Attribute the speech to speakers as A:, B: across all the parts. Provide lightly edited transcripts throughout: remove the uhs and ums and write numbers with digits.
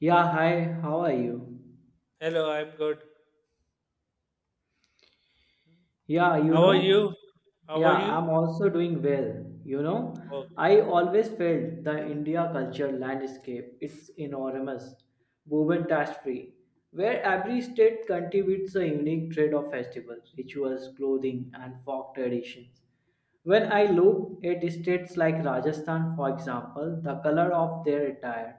A: Yeah, hi, how are you?
B: Hello, I'm good.
A: Yeah,
B: How are you? How
A: yeah,
B: are you?
A: I'm also doing well.
B: Okay.
A: I always felt the India culture landscape, it's enormous, woven tapestry, where every state contributes a unique trade of festivals, rituals, clothing, and folk traditions. When I look at states like Rajasthan, for example, the color of their attire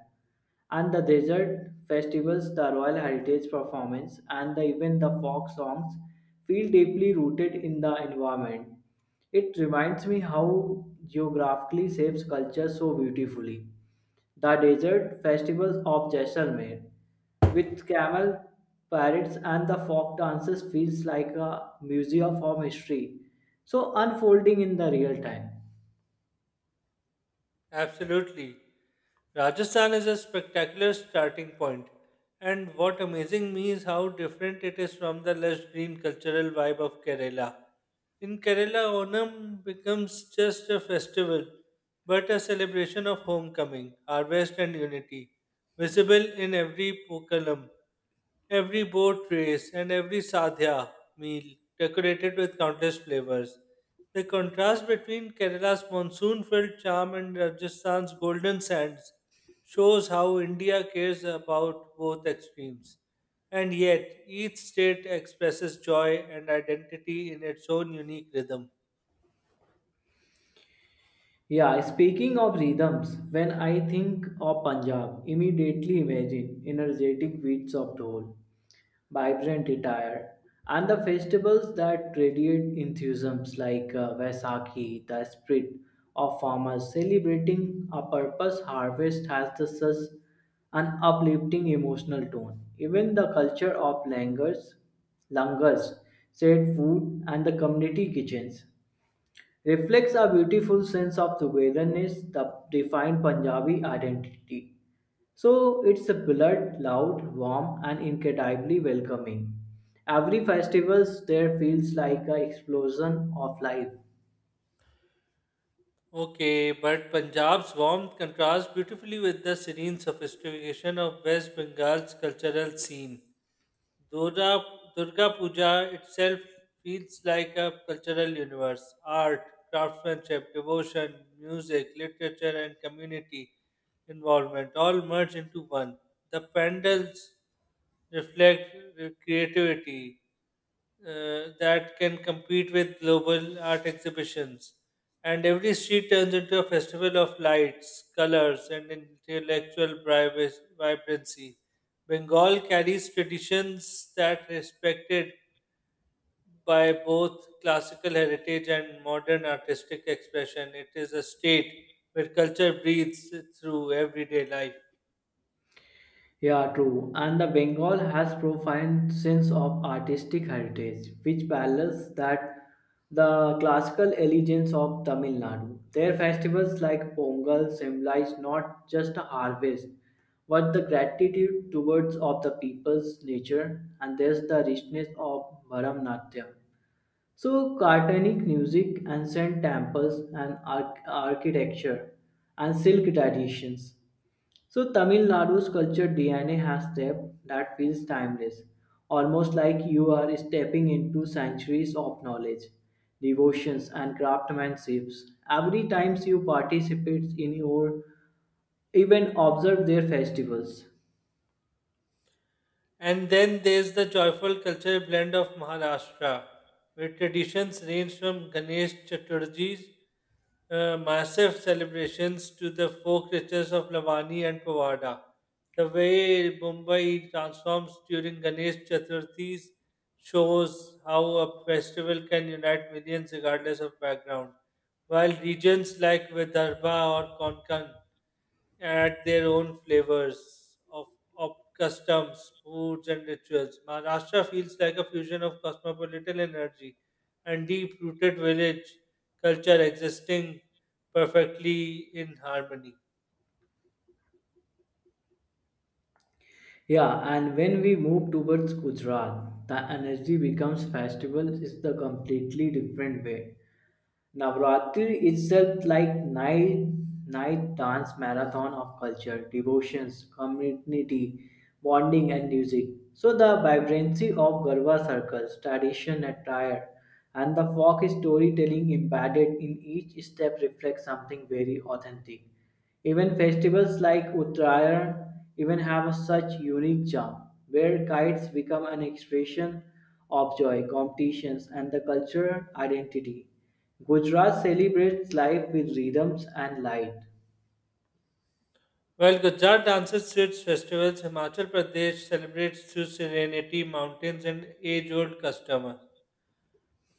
A: and the desert festivals, the Royal Heritage performance, and even the folk songs feel deeply rooted in the environment. It reminds me how geographically shapes culture so beautifully. The desert festivals of Jaisalmer, with camel parades and the folk dances, feels like a museum of history, so unfolding in the real time.
B: Absolutely. Rajasthan is a spectacular starting point, and what amazing me is how different it is from the lush green cultural vibe of Kerala. In Kerala, Onam becomes just a festival, but a celebration of homecoming, harvest, and unity, visible in every Pukalam. Every boat race and every sadhya meal decorated with countless flavors. The contrast between Kerala's monsoon filled charm and Rajasthan's golden sands shows how India cares about both extremes. And yet, each state expresses joy and identity in its own unique rhythm.
A: Yeah, speaking of rhythms, when I think of Punjab, immediately imagine energetic beats of dhol, vibrant attire, and the festivals that radiate enthusiasms like Vaisakhi, the spirit of farmers celebrating a purpose harvest has the such an uplifting emotional tone. Even the culture of langers, shared food, and the community kitchens reflects a beautiful sense of togetherness that defines Punjabi identity. So it's a blurred, loud, warm, and incredibly welcoming. Every festival there feels like an explosion of life.
B: Okay, but Punjab's warmth contrasts beautifully with the serene sophistication of West Bengal's cultural scene. Durga, Durga Puja itself feels like a cultural universe. Art, craftsmanship, devotion, music, literature, and community involvement all merge into one. The pandals reflect the creativity, that can compete with global art exhibitions. And every street turns into a festival of lights, colors, and vibrancy. Bengal carries traditions that respected by both classical heritage and modern artistic expression. It is a state where culture breathes through everyday life.
A: Yeah, true. And the Bengal has profound sense of artistic heritage, which parallels that the classical elegance of Tamil Nadu. Their festivals like Pongal symbolize not just a harvest, but the gratitude towards of the people's nature, and there's the richness of Bharamnatyam. So, cartonic music, ancient temples, and architecture, and silk traditions. So Tamil Nadu's culture DNA has depth that feels timeless, almost like you are stepping into centuries of knowledge, devotions, and craftsmanships. Every time you participate in or even observe their festivals,
B: And then there's the joyful cultural blend of Maharashtra, where traditions range from Ganesh Chaturthis, massive celebrations to the folk rituals of Lavani and Pawada. The way Mumbai transforms during Ganesh Chaturthi's shows how a festival can unite millions regardless of background, while regions like Vidarbha or Konkan add their own flavors of customs, foods, and rituals. Maharashtra feels like a fusion of cosmopolitan energy and deep rooted village culture existing perfectly in harmony.
A: yeah, and when we move towards Gujarat, the energy becomes festival is the completely different way. Navratri itself like night dance marathon of culture, devotions, community, bonding and music. So the vibrancy of Garba circles, tradition attire, and the folk storytelling embedded in each step reflects something very authentic. Even festivals like Uttarayan even have such unique charm, where kites become an expression of joy, competitions, and the cultural identity. Gujarat celebrates life with rhythms and light,
B: While Gujarat dances to its festivals, Himachal Pradesh celebrates through serenity, mountains, and age old customer.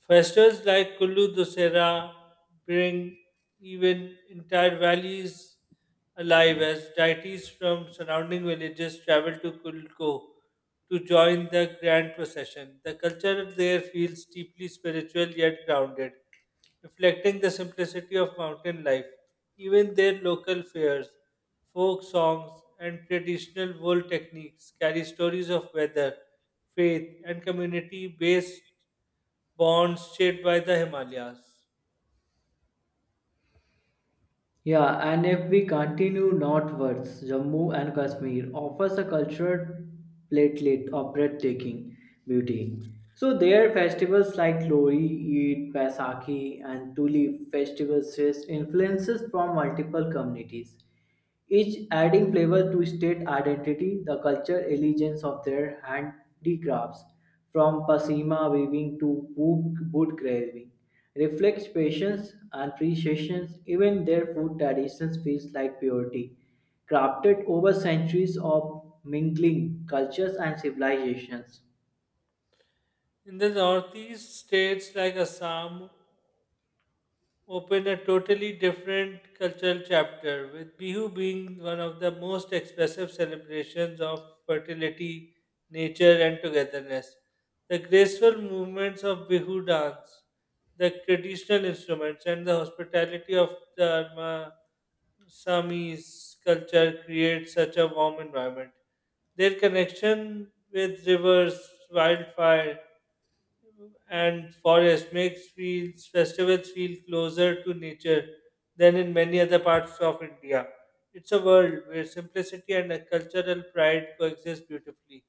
B: Festivals like Kullu Dussehra bring even entire valleys alive as deities from surrounding villages travel to Kulko to join the grand procession. The culture there feels deeply spiritual yet grounded, reflecting the simplicity of mountain life. Even their local fairs, folk songs, and traditional wool techniques carry stories of weather, faith, and community based bonds shaped by the Himalayas.
A: yeah, and if we continue northwards, Jammu and Kashmir offers a cultural platelet of breathtaking beauty. So there festivals like Lori, Eid, Baisakhi and Tuli festivals face influences from multiple communities each adding flavor to state identity, the cultural allegiance of their handicrafts, from pasima weaving to wood boot carving, reflects patience and appreciation. Even their food traditions feels like purity, crafted over centuries of mingling cultures and civilizations.
B: In the northeast, states like Assam open a totally different cultural chapter, with Bihu being one of the most expressive celebrations of fertility, nature, and togetherness. The graceful movements of Bihu dance, the traditional instruments, and the hospitality of the Assamese culture create such a warm environment. Their connection with rivers, wildfire, and forest makes feels, festivals feel closer to nature than in many other parts of India. It's a world where simplicity and a cultural pride coexist beautifully.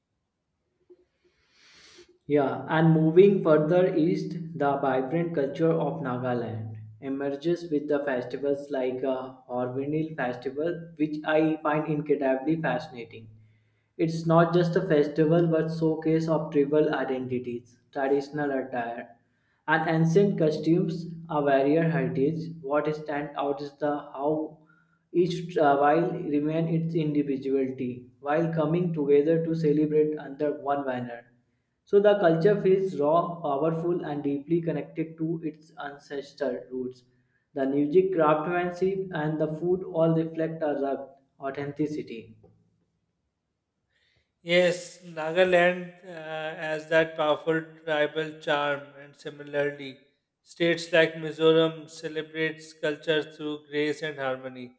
A: Yeah, and moving further east, the vibrant culture of Nagaland emerges with the festivals like Hornbill Festival, which I find incredibly fascinating. It's not just a festival but showcase of tribal identities, traditional attire, and ancient costumes of various heritage. What stands out is the how each tribe remain its individuality while coming together to celebrate under one banner. So the culture feels raw, powerful, and deeply connected to its ancestral roots. The music, craftsmanship, and the food all reflect a rugged authenticity.
B: Yes, Nagaland has that powerful tribal charm, and similarly, states like Mizoram celebrates culture through grace and harmony.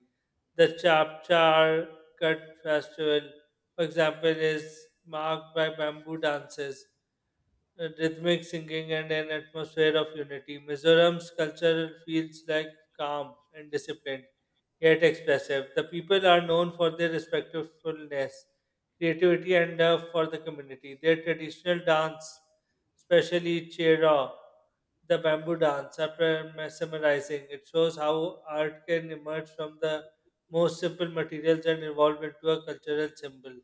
B: The Chapchar Cut Festival, for example, is marked by bamboo dances, rhythmic singing and an atmosphere of unity. Mizoram's culture feels like calm and disciplined, yet expressive. The people are known for their respectfulness, creativity, and love for the community. Their traditional dance, especially Chera, the bamboo dance, are mesmerizing. It shows how art can emerge from the most simple materials and evolve into a cultural symbol.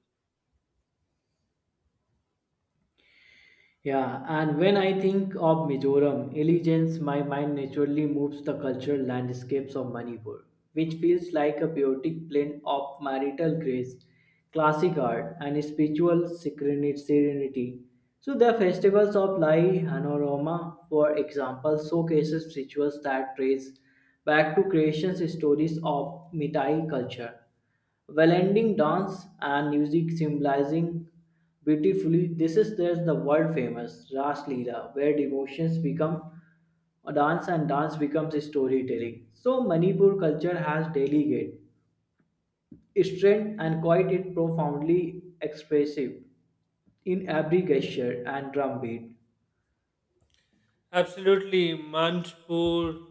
A: Yeah, and when I think of Mizoram allegiance, my mind naturally moves the cultural landscapes of Manipur, which feels like a poetic blend of marital grace, classic art, and spiritual serenity. So the festivals of Lai Hanoroma, for example, showcases rituals that trace back to creation stories of Mithai culture Wallending dance and music symbolizing beautifully. This is there's the world famous Ras Leela, where devotions become a dance and dance becomes a storytelling. So Manipur culture has delegate, strength and quite it profoundly expressive in every gesture and drum beat.
B: Absolutely, Manchpur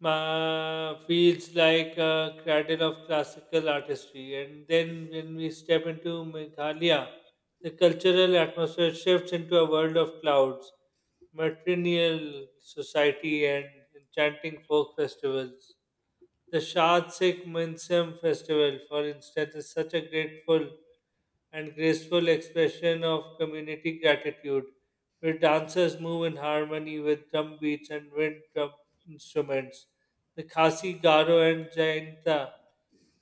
B: feels like a cradle of classical artistry. And then when we step into Meghalaya, the cultural atmosphere shifts into a world of clouds, matrilineal society, and enchanting folk festivals. The Shad Sikh Minsam festival, for instance, is such a grateful and graceful expression of community gratitude, where dancers move in harmony with drum beats and wind drum instruments. The Khasi, Garo, and Jainta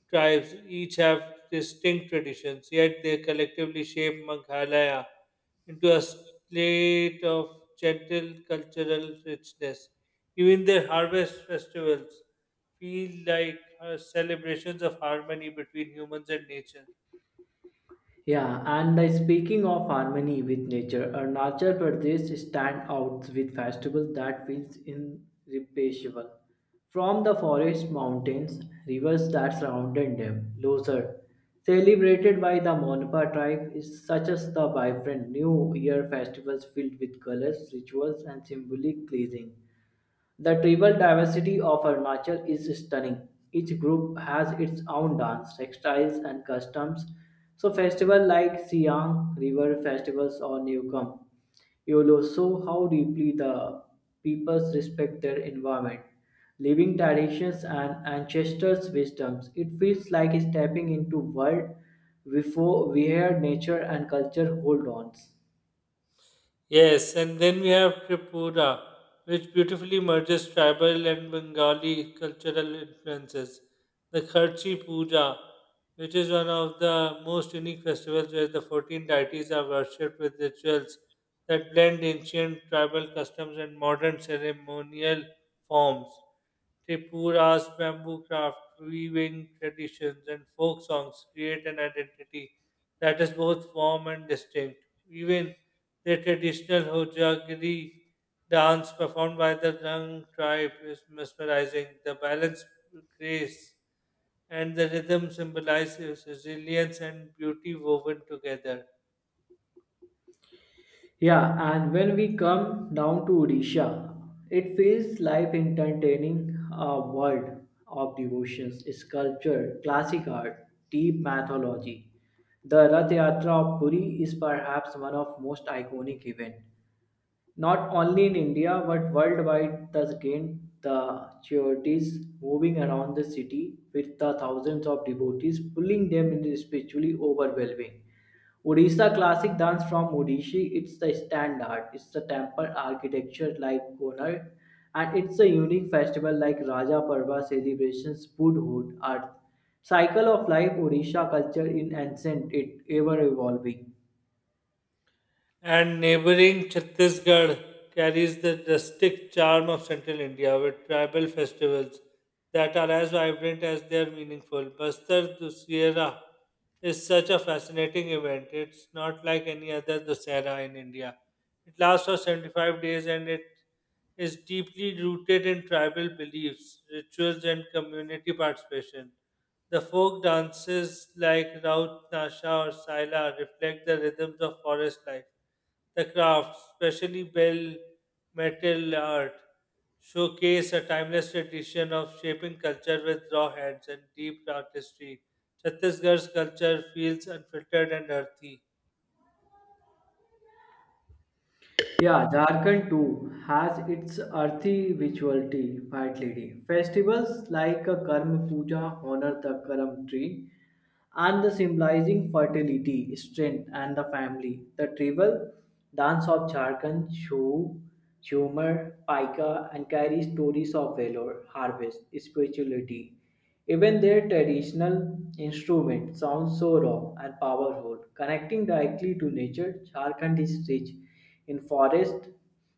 B: tribes each have distinct traditions, yet they collectively shape Meghalaya into a slate of gentle cultural richness. Even their harvest festivals feel like celebrations of harmony between humans and nature.
A: Yeah, and speaking of harmony with nature, Arunachal Pradesh stand out with festivals that feels irreplaceable. From the forest, mountains, rivers that surrounded them, Losar, celebrated by the Monpa tribe, is such as the vibrant New Year festivals filled with colors, rituals, and symbolic cleansing. The tribal diversity of Arunachal is stunning. Each group has its own dance, textiles, and customs. So, festivals like Siang River Festivals or Newcom you'll show how deeply the peoples respect their environment, living traditions, and ancestors' wisdoms. It feels like stepping into world before where nature and culture hold on.
B: Yes, and then we have Tripura, which beautifully merges tribal and Bengali cultural influences. The Kharchi Puja, which is one of the most unique festivals, where the 14 deities are worshipped with rituals that blend ancient tribal customs and modern ceremonial forms. Tripura's bamboo craft, weaving traditions, and folk songs create an identity that is both warm and distinct. Even the traditional Hojagiri dance performed by the Rang tribe is mesmerizing. The balance, grace, and the rhythm symbolizes resilience and beauty woven together.
A: Yeah, and when we come down to Odisha, it feels life entertaining a world of devotions, sculpture, classic art, deep mythology. The Rath Yatra of Puri is perhaps one of most iconic events. Not only in India but worldwide, thus gained the charities moving around the city with the thousands of devotees, pulling them into spiritually overwhelming. Odisha classic dance from Odisha, it's the standard, it's the temple architecture like Konark, and it's a unique festival like Raja Parva celebrations, Buddhahood, Earth. Cycle of life, Odisha culture in ancient, it ever evolving.
B: And neighboring Chhattisgarh carries the rustic charm of central India with tribal festivals that are as vibrant as they are meaningful. Bastar Dussehra is such a fascinating event. It's not like any other Dussehra in India. It lasts for 75 days and it is deeply rooted in tribal beliefs, rituals, and community participation. The folk dances like Raut Nasha or Saila reflect the rhythms of forest life. The crafts, especially bell, metal art, showcase a timeless tradition of shaping culture with raw hands and deep artistry. Chhattisgarh's culture feels unfiltered and earthy.
A: Yeah, Jharkhand too has its earthy rituality, White Lady. Festivals like a Karma Puja honor the Karam tree, and the symbolizing fertility, strength, and the family. The tribal dance of Jharkhand show humor, pika, and carry stories of valor, harvest, spirituality. Even their traditional instrument sounds so raw and powerful, connecting directly to nature. Jharkhand is rich in forest,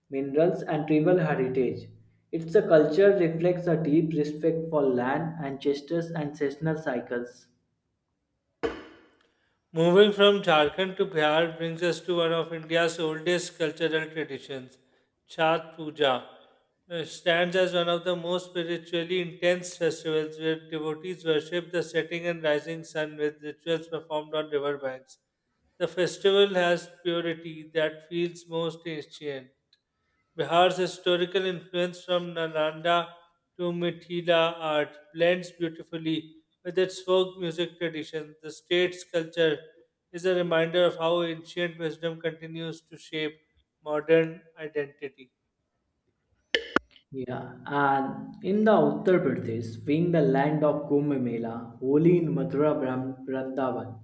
A: minerals, and tribal heritage. It's a culture reflects a deep respect for land, ancestors, ancestral cycles.
B: Moving from Jharkhand to Bihar brings us to one of India's oldest cultural traditions, Chhat Puja. It stands as one of the most spiritually intense festivals where devotees worship the setting and rising sun with rituals performed on riverbanks. The festival has purity that feels most ancient. Bihar's historical influence from Nalanda to Mithila art blends beautifully with its folk music tradition. The state's culture is a reminder of how ancient wisdom continues to shape modern identity.
A: Yeah, and in the Uttar Pradesh, being the land of Kumbh Mela, Holi in Mathura Vrindavan,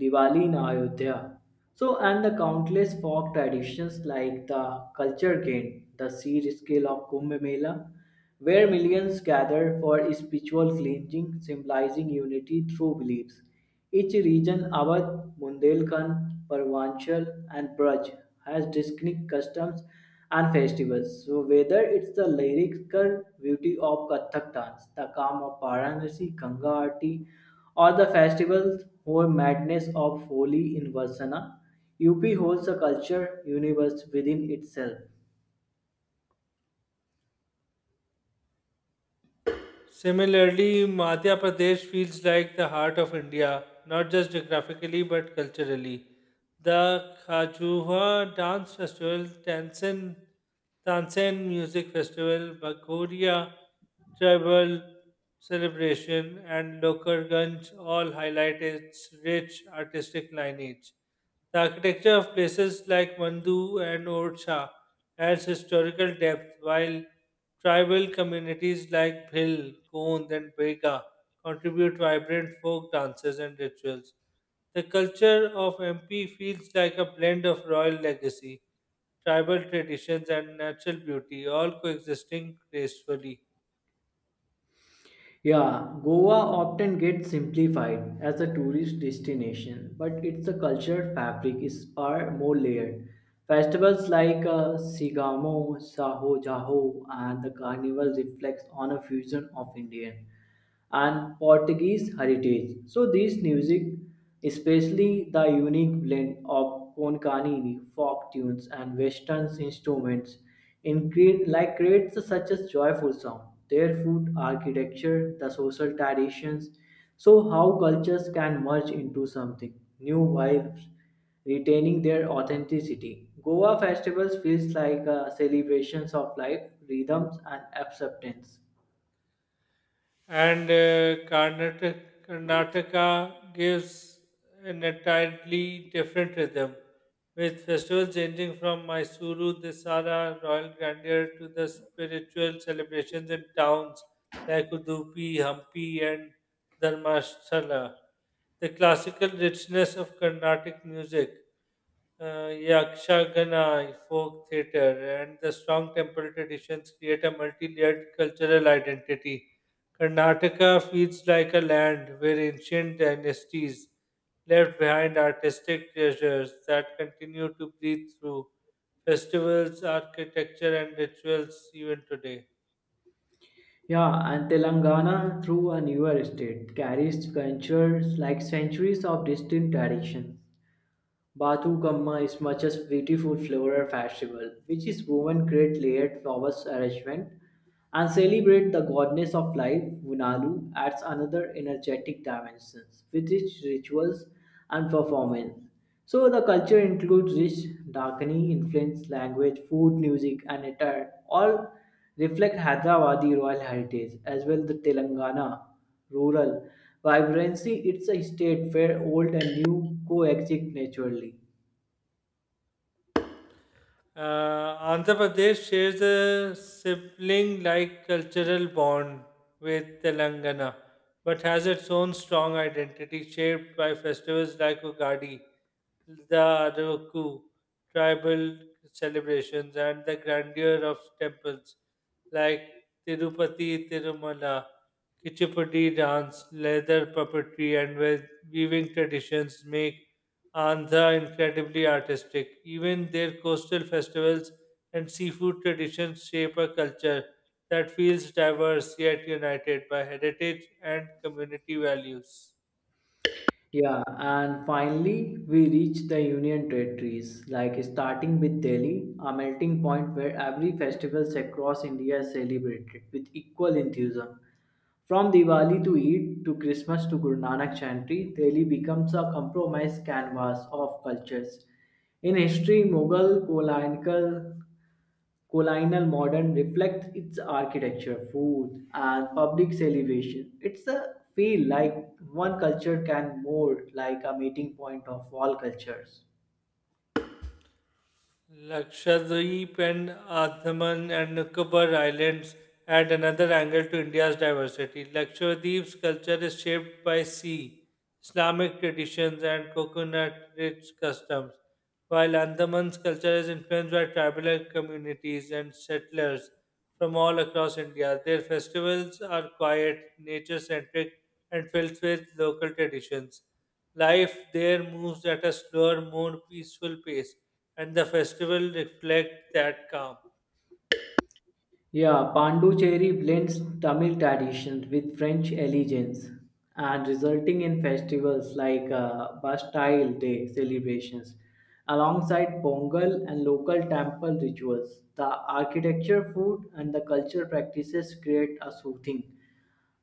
A: Diwali in Ayodhya. So, and the countless folk traditions like the culture game, the sheer scale of Kumbh Mela, where millions gather for spiritual cleansing, symbolizing unity through beliefs. Each region Awadh, Bundelkhand, Purvanchal and Braj has distinct customs and festivals. So whether it's the lyrical beauty of Kathak dance, the calm of Varanasi, Ganga Aarti or the festival or madness of Holi in Varsana, UP holds a culture universe within itself.
B: Similarly, Madhya Pradesh feels like the heart of India, not just geographically but culturally. The Khajuha Dance Festival, Tansen Music Festival, Bagoria Tribal Celebration, and Lokarganj all highlight its rich artistic lineage. The architecture of places like Mandu and Orcha adds historical depth, while tribal communities like Bhil, Gond, and Bega contribute vibrant folk dances and rituals. The culture of MP feels like a blend of royal legacy, tribal traditions, and natural beauty, all coexisting gracefully.
A: Yeah, Goa often gets simplified as a tourist destination, but its cultural fabric is far more layered. Festivals like Sigamo, Saho Jaho, and the Carnival reflects on a fusion of Indian and Portuguese heritage. So this music, especially the unique blend of Konkani folk tunes and Western instruments, like creates such a joyful sound. Their food, architecture, the social traditions, so how cultures can merge into something new while retaining their authenticity. Goa festivals feels like a celebrations of life, rhythms, and acceptance.
B: And Karnataka gives an entirely different rhythm, with festivals ranging from Mysuru, Dasara, royal grandeur to the spiritual celebrations in towns like Udupi, Hampi, and Dharmasthala. The classical richness of Carnatic music, Yakshagana folk theatre and the strong temple traditions create a multi-layered cultural identity. Karnataka feels like a land where ancient dynasties left behind artistic treasures that continue to breathe through festivals, architecture, and rituals even today.
A: Yeah, and Telangana, through a newer state, carries cultures like centuries of distinct traditions. Bathukamma is much as beautiful floral festival, which is woven great layered flowers arrangement and celebrate the goddess of life, Vunalu, adds another energetic dimension with its rituals and performance. So the culture includes rich Dakini influence, language, food, music, and attire, all reflect Hyderabadi royal heritage as well the Telangana rural vibrancy. It's a state where old and new coexist naturally.
B: Andhra Pradesh shares a sibling like cultural bond with Telangana, but has its own strong identity shaped by festivals like Ugadi, the Araku tribal celebrations, and the grandeur of temples like Tirupati Tirumala, Kuchipudi dance, leather puppetry, and weaving traditions make Andhra incredibly artistic. Even their coastal festivals and seafood traditions shape a culture that feels diverse yet united by heritage and community values.
A: Yeah, and finally we reach the Union territories, like starting with Delhi, a melting point where every festivals across India is celebrated with equal enthusiasm. From Diwali to Eid to Christmas to Guru Nanak Chantry, Delhi becomes a compromised canvas of cultures. In history, Mughal, colonial modern reflects its architecture, food, and public celebration. It's a feel like one culture can mold like a meeting point of all cultures.
B: Lakshadweep and Andaman and Nicobar Islands add another angle to India's diversity. Lakshadweep's culture is shaped by sea, Islamic traditions, and coconut-rich customs, while Andaman's culture is influenced by tribal communities and settlers from all across India. Their festivals are quiet, nature-centric, and filled with local traditions. Life there moves at a slower, more peaceful pace and the festival reflect that calm.
A: Yeah, Panducherry blends Tamil traditions with French elegance and resulting in festivals like Bastille Day celebrations alongside Pongal and local temple rituals. The architecture, food, and the culture practices create a soothing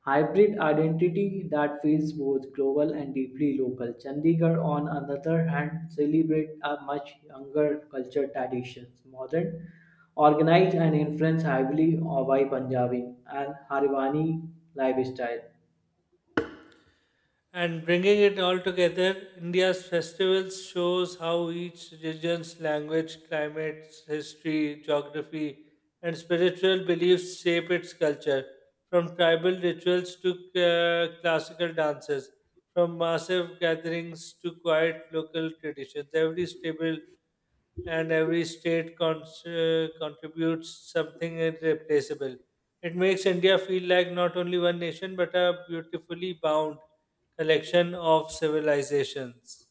A: hybrid identity that feels both global and deeply local. Chandigarh, on another hand, celebrates a much younger culture traditions, modern, organized and influenced heavily by Punjabi and Harivani lifestyle.
B: And bringing it all together, India's festivals shows how each region's language, climate, history, geography, and spiritual beliefs shape its culture. From tribal rituals to classical dances, from massive gatherings to quiet local traditions, every stable and every state contributes something irreplaceable. It makes India feel like not only one nation but a beautifully bound collection of civilizations.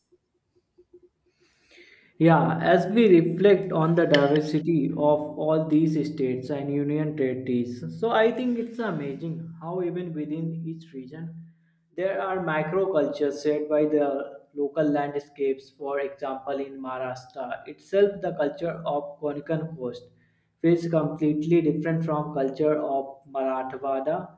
A: Yeah, as we reflect on the diversity of all these states and union territories, so I think it's amazing how even within each region there are microcultures shaped by the local landscapes. For example, in Maharashtra itself, the culture of Konkan coast feels completely different from culture of Marathwada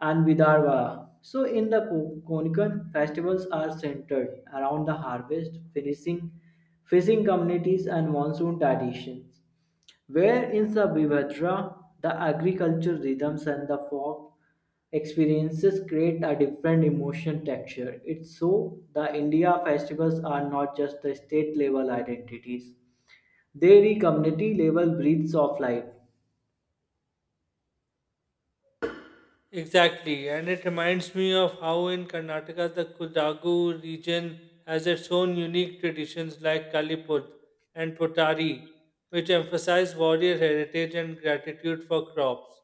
A: and Vidarbha. So, in the Konikan, festivals are centered around the harvest, finishing, fishing communities, and monsoon traditions. Where in Sabivadra, the agricultural rhythms and the folk experiences create a different emotion texture. It's so the India festivals are not just the state level identities. They re community level breeds of life.
B: Exactly, and it reminds me of how in Karnataka the Kudagu region has its own unique traditions like Kalipud and Potari, which emphasize warrior heritage and gratitude for crops.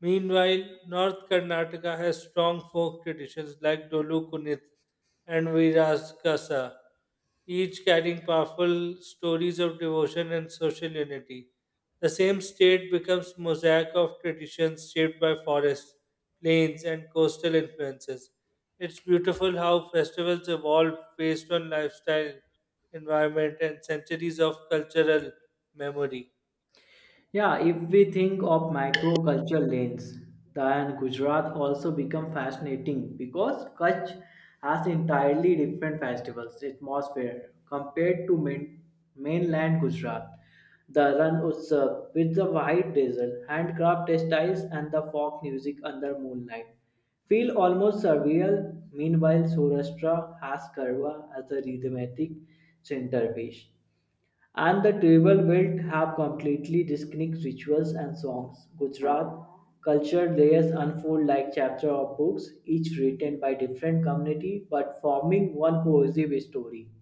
B: Meanwhile, North Karnataka has strong folk traditions like Dolu Kunith and Viraskasa, each carrying powerful stories of devotion and social unity. The same state becomes mosaic of traditions shaped by forests, plains, and coastal influences. It's beautiful how festivals evolve based on lifestyle, environment, and centuries of cultural memory.
A: Yeah, if we think of micro cultural lanes, then Gujarat also become fascinating because Kutch has entirely different festivals atmosphere compared to mainland Gujarat. The Ran Utsav with the white drizzle, handcraft textiles, and the folk music under moonlight feel almost surreal. Meanwhile, Saurashtra has Karwa as a rhythmic centerpiece and the tribal belt have completely distinct rituals and songs. Gujarat culture layers unfold like chapter of books, each written by different community but forming one cohesive story.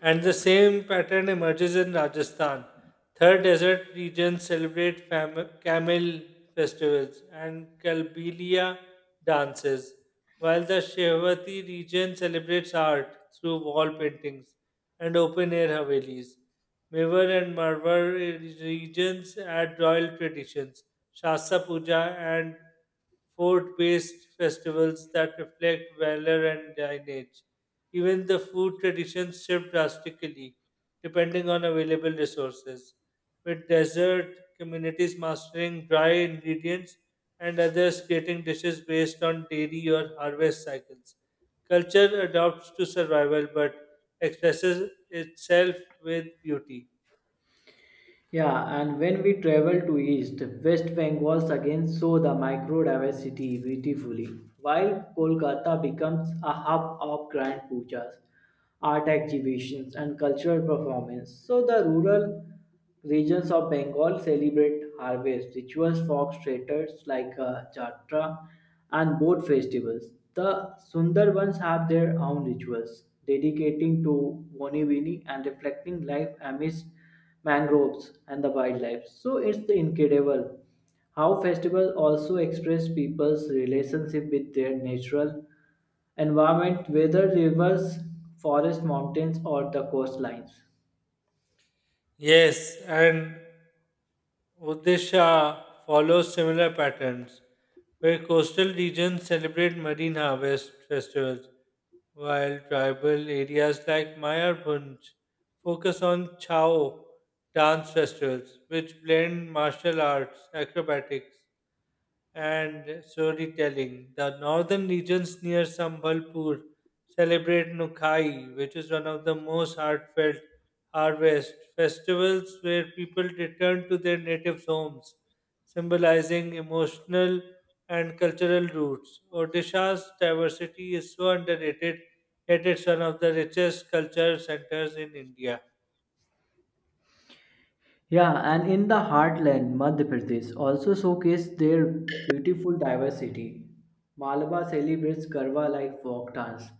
B: And the same pattern emerges in Rajasthan. Third desert regions celebrate camel festivals and Kalbilia dances, while the Shehwati region celebrates art through wall paintings and open air havelis. Mewar and Marwar regions add royal traditions, Shasta Puja, and fort based festivals that reflect valor and lineage. Even the food traditions shift drastically depending on available resources, with desert communities mastering dry ingredients and others creating dishes based on dairy or harvest cycles. Culture adapts to survival but expresses itself with beauty.
A: Yeah, and when we travel to east, West Bengal again show the microdiversity beautifully, while Kolkata becomes a hub of grand pujas, art exhibitions, and cultural performance. So the rural regions of Bengal celebrate harvest rituals, folk theaters like Jatra and boat festivals. The Sundarbans have their own rituals, dedicating to Bonivini and reflecting life amidst mangroves, and the wildlife. So it's incredible how festivals also express people's relationship with their natural environment, whether rivers, forests, mountains, or the coastlines.
B: Yes, and Odisha follows similar patterns, where coastal regions celebrate marine harvest festivals, while tribal areas like Mayarbhunj focus on Chao dance festivals, which blend martial arts, acrobatics, and storytelling. The northern regions near Sambalpur celebrate Nukai, which is one of the most heartfelt harvest festivals where people return to their native homes, symbolizing emotional and cultural roots. Odisha's diversity is so underrated, yet it's one of the richest culture centers in India.
A: Yeah, and in the heartland, Madhya Pradesh also showcased their beautiful diversity. Malabar celebrates Garba like folk dance.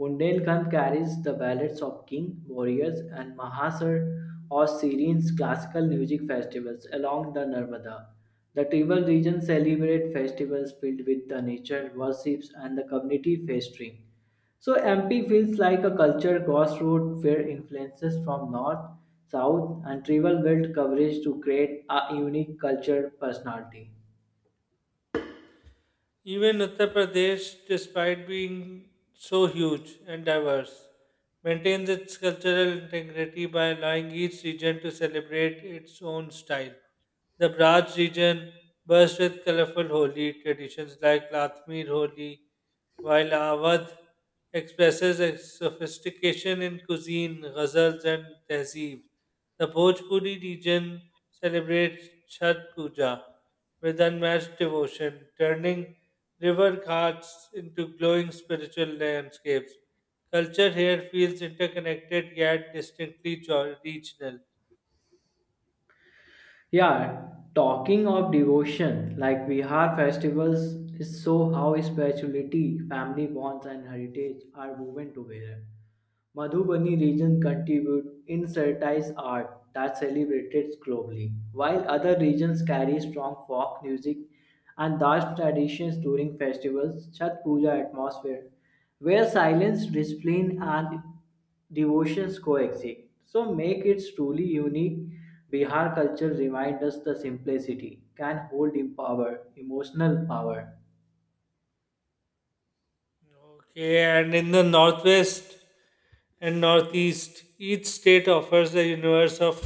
A: Bundelkhand carries the ballads of king, warriors, and Mahasar or Syrian's classical music festivals along the Narmada. The tribal region celebrate festivals filled with the nature, worships, and the community feasting. So MP feels like a culture crossroad where influences from north, south, and tribal wealth coverage to create a unique culture personality.
B: Even Uttar Pradesh, despite being so huge and diverse, maintains its cultural integrity by allowing each region to celebrate its own style. The Braj region bursts with colorful Holi traditions like Latmir Holi, while Awadh expresses its sophistication in cuisine, ghazals, and tehzeeb. The Bhojpuri region celebrates Chhat Puja with unmatched devotion, turning river ghats into glowing spiritual landscapes. Culture here feels interconnected yet distinctly regional.
A: Yeah, talking of devotion, like Vihar festivals is so how spirituality, family bonds and heritage are woven together. Madhubani region contribute in certain art that celebrated globally, while other regions carry strong folk music and dance traditions during festivals, Chhat Puja atmosphere, where silence, discipline and devotions coexist. So make it truly unique. Bihar culture reminds us the simplicity can hold in power, emotional power.
B: Okay, and in the northwest and northeast, each state offers a universe of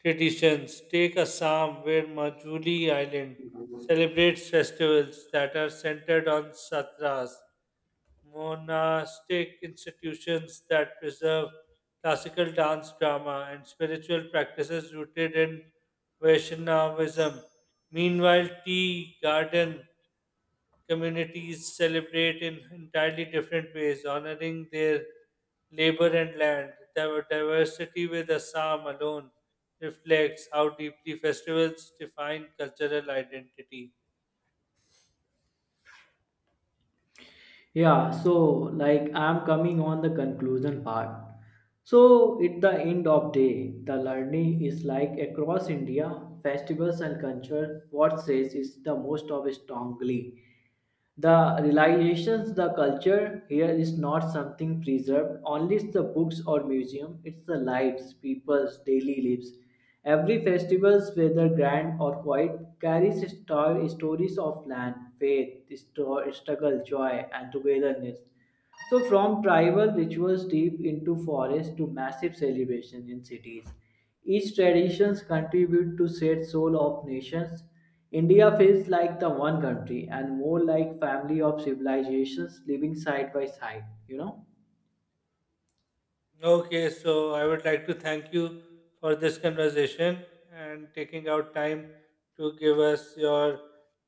B: traditions. Take Assam, where Majuli Island celebrates festivals that are centered on satras monastic institutions that preserve classical dance, drama, and spiritual practices rooted in Vaishnavism. Meanwhile, tea garden communities celebrate in entirely different ways, honoring their labor and land. The diversity with Assam alone reflects how deeply festivals define cultural identity.
A: Yeah, so like I'm coming on the conclusion part. So at the end of day, the learning is like across India, festivals and culture, what says is the most of strongly. The realizations the culture here is not something preserved, only it's the books or museum, it's the lives, people's daily lives. Every festival, whether grand or quiet, carries stories of land, faith, struggle, joy, and togetherness. So, from tribal rituals deep into forests to massive celebrations in cities, each traditions contribute to shared soul of nations. India feels like the one country and more like family of civilizations living side by side. You know?
B: Okay, so I would like to thank you for this conversation and taking out time to give us your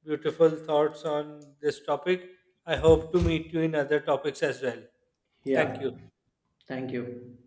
B: beautiful thoughts on this topic. I hope to meet you in other topics as well. Thank
A: Yeah.
B: you.
A: Thank you.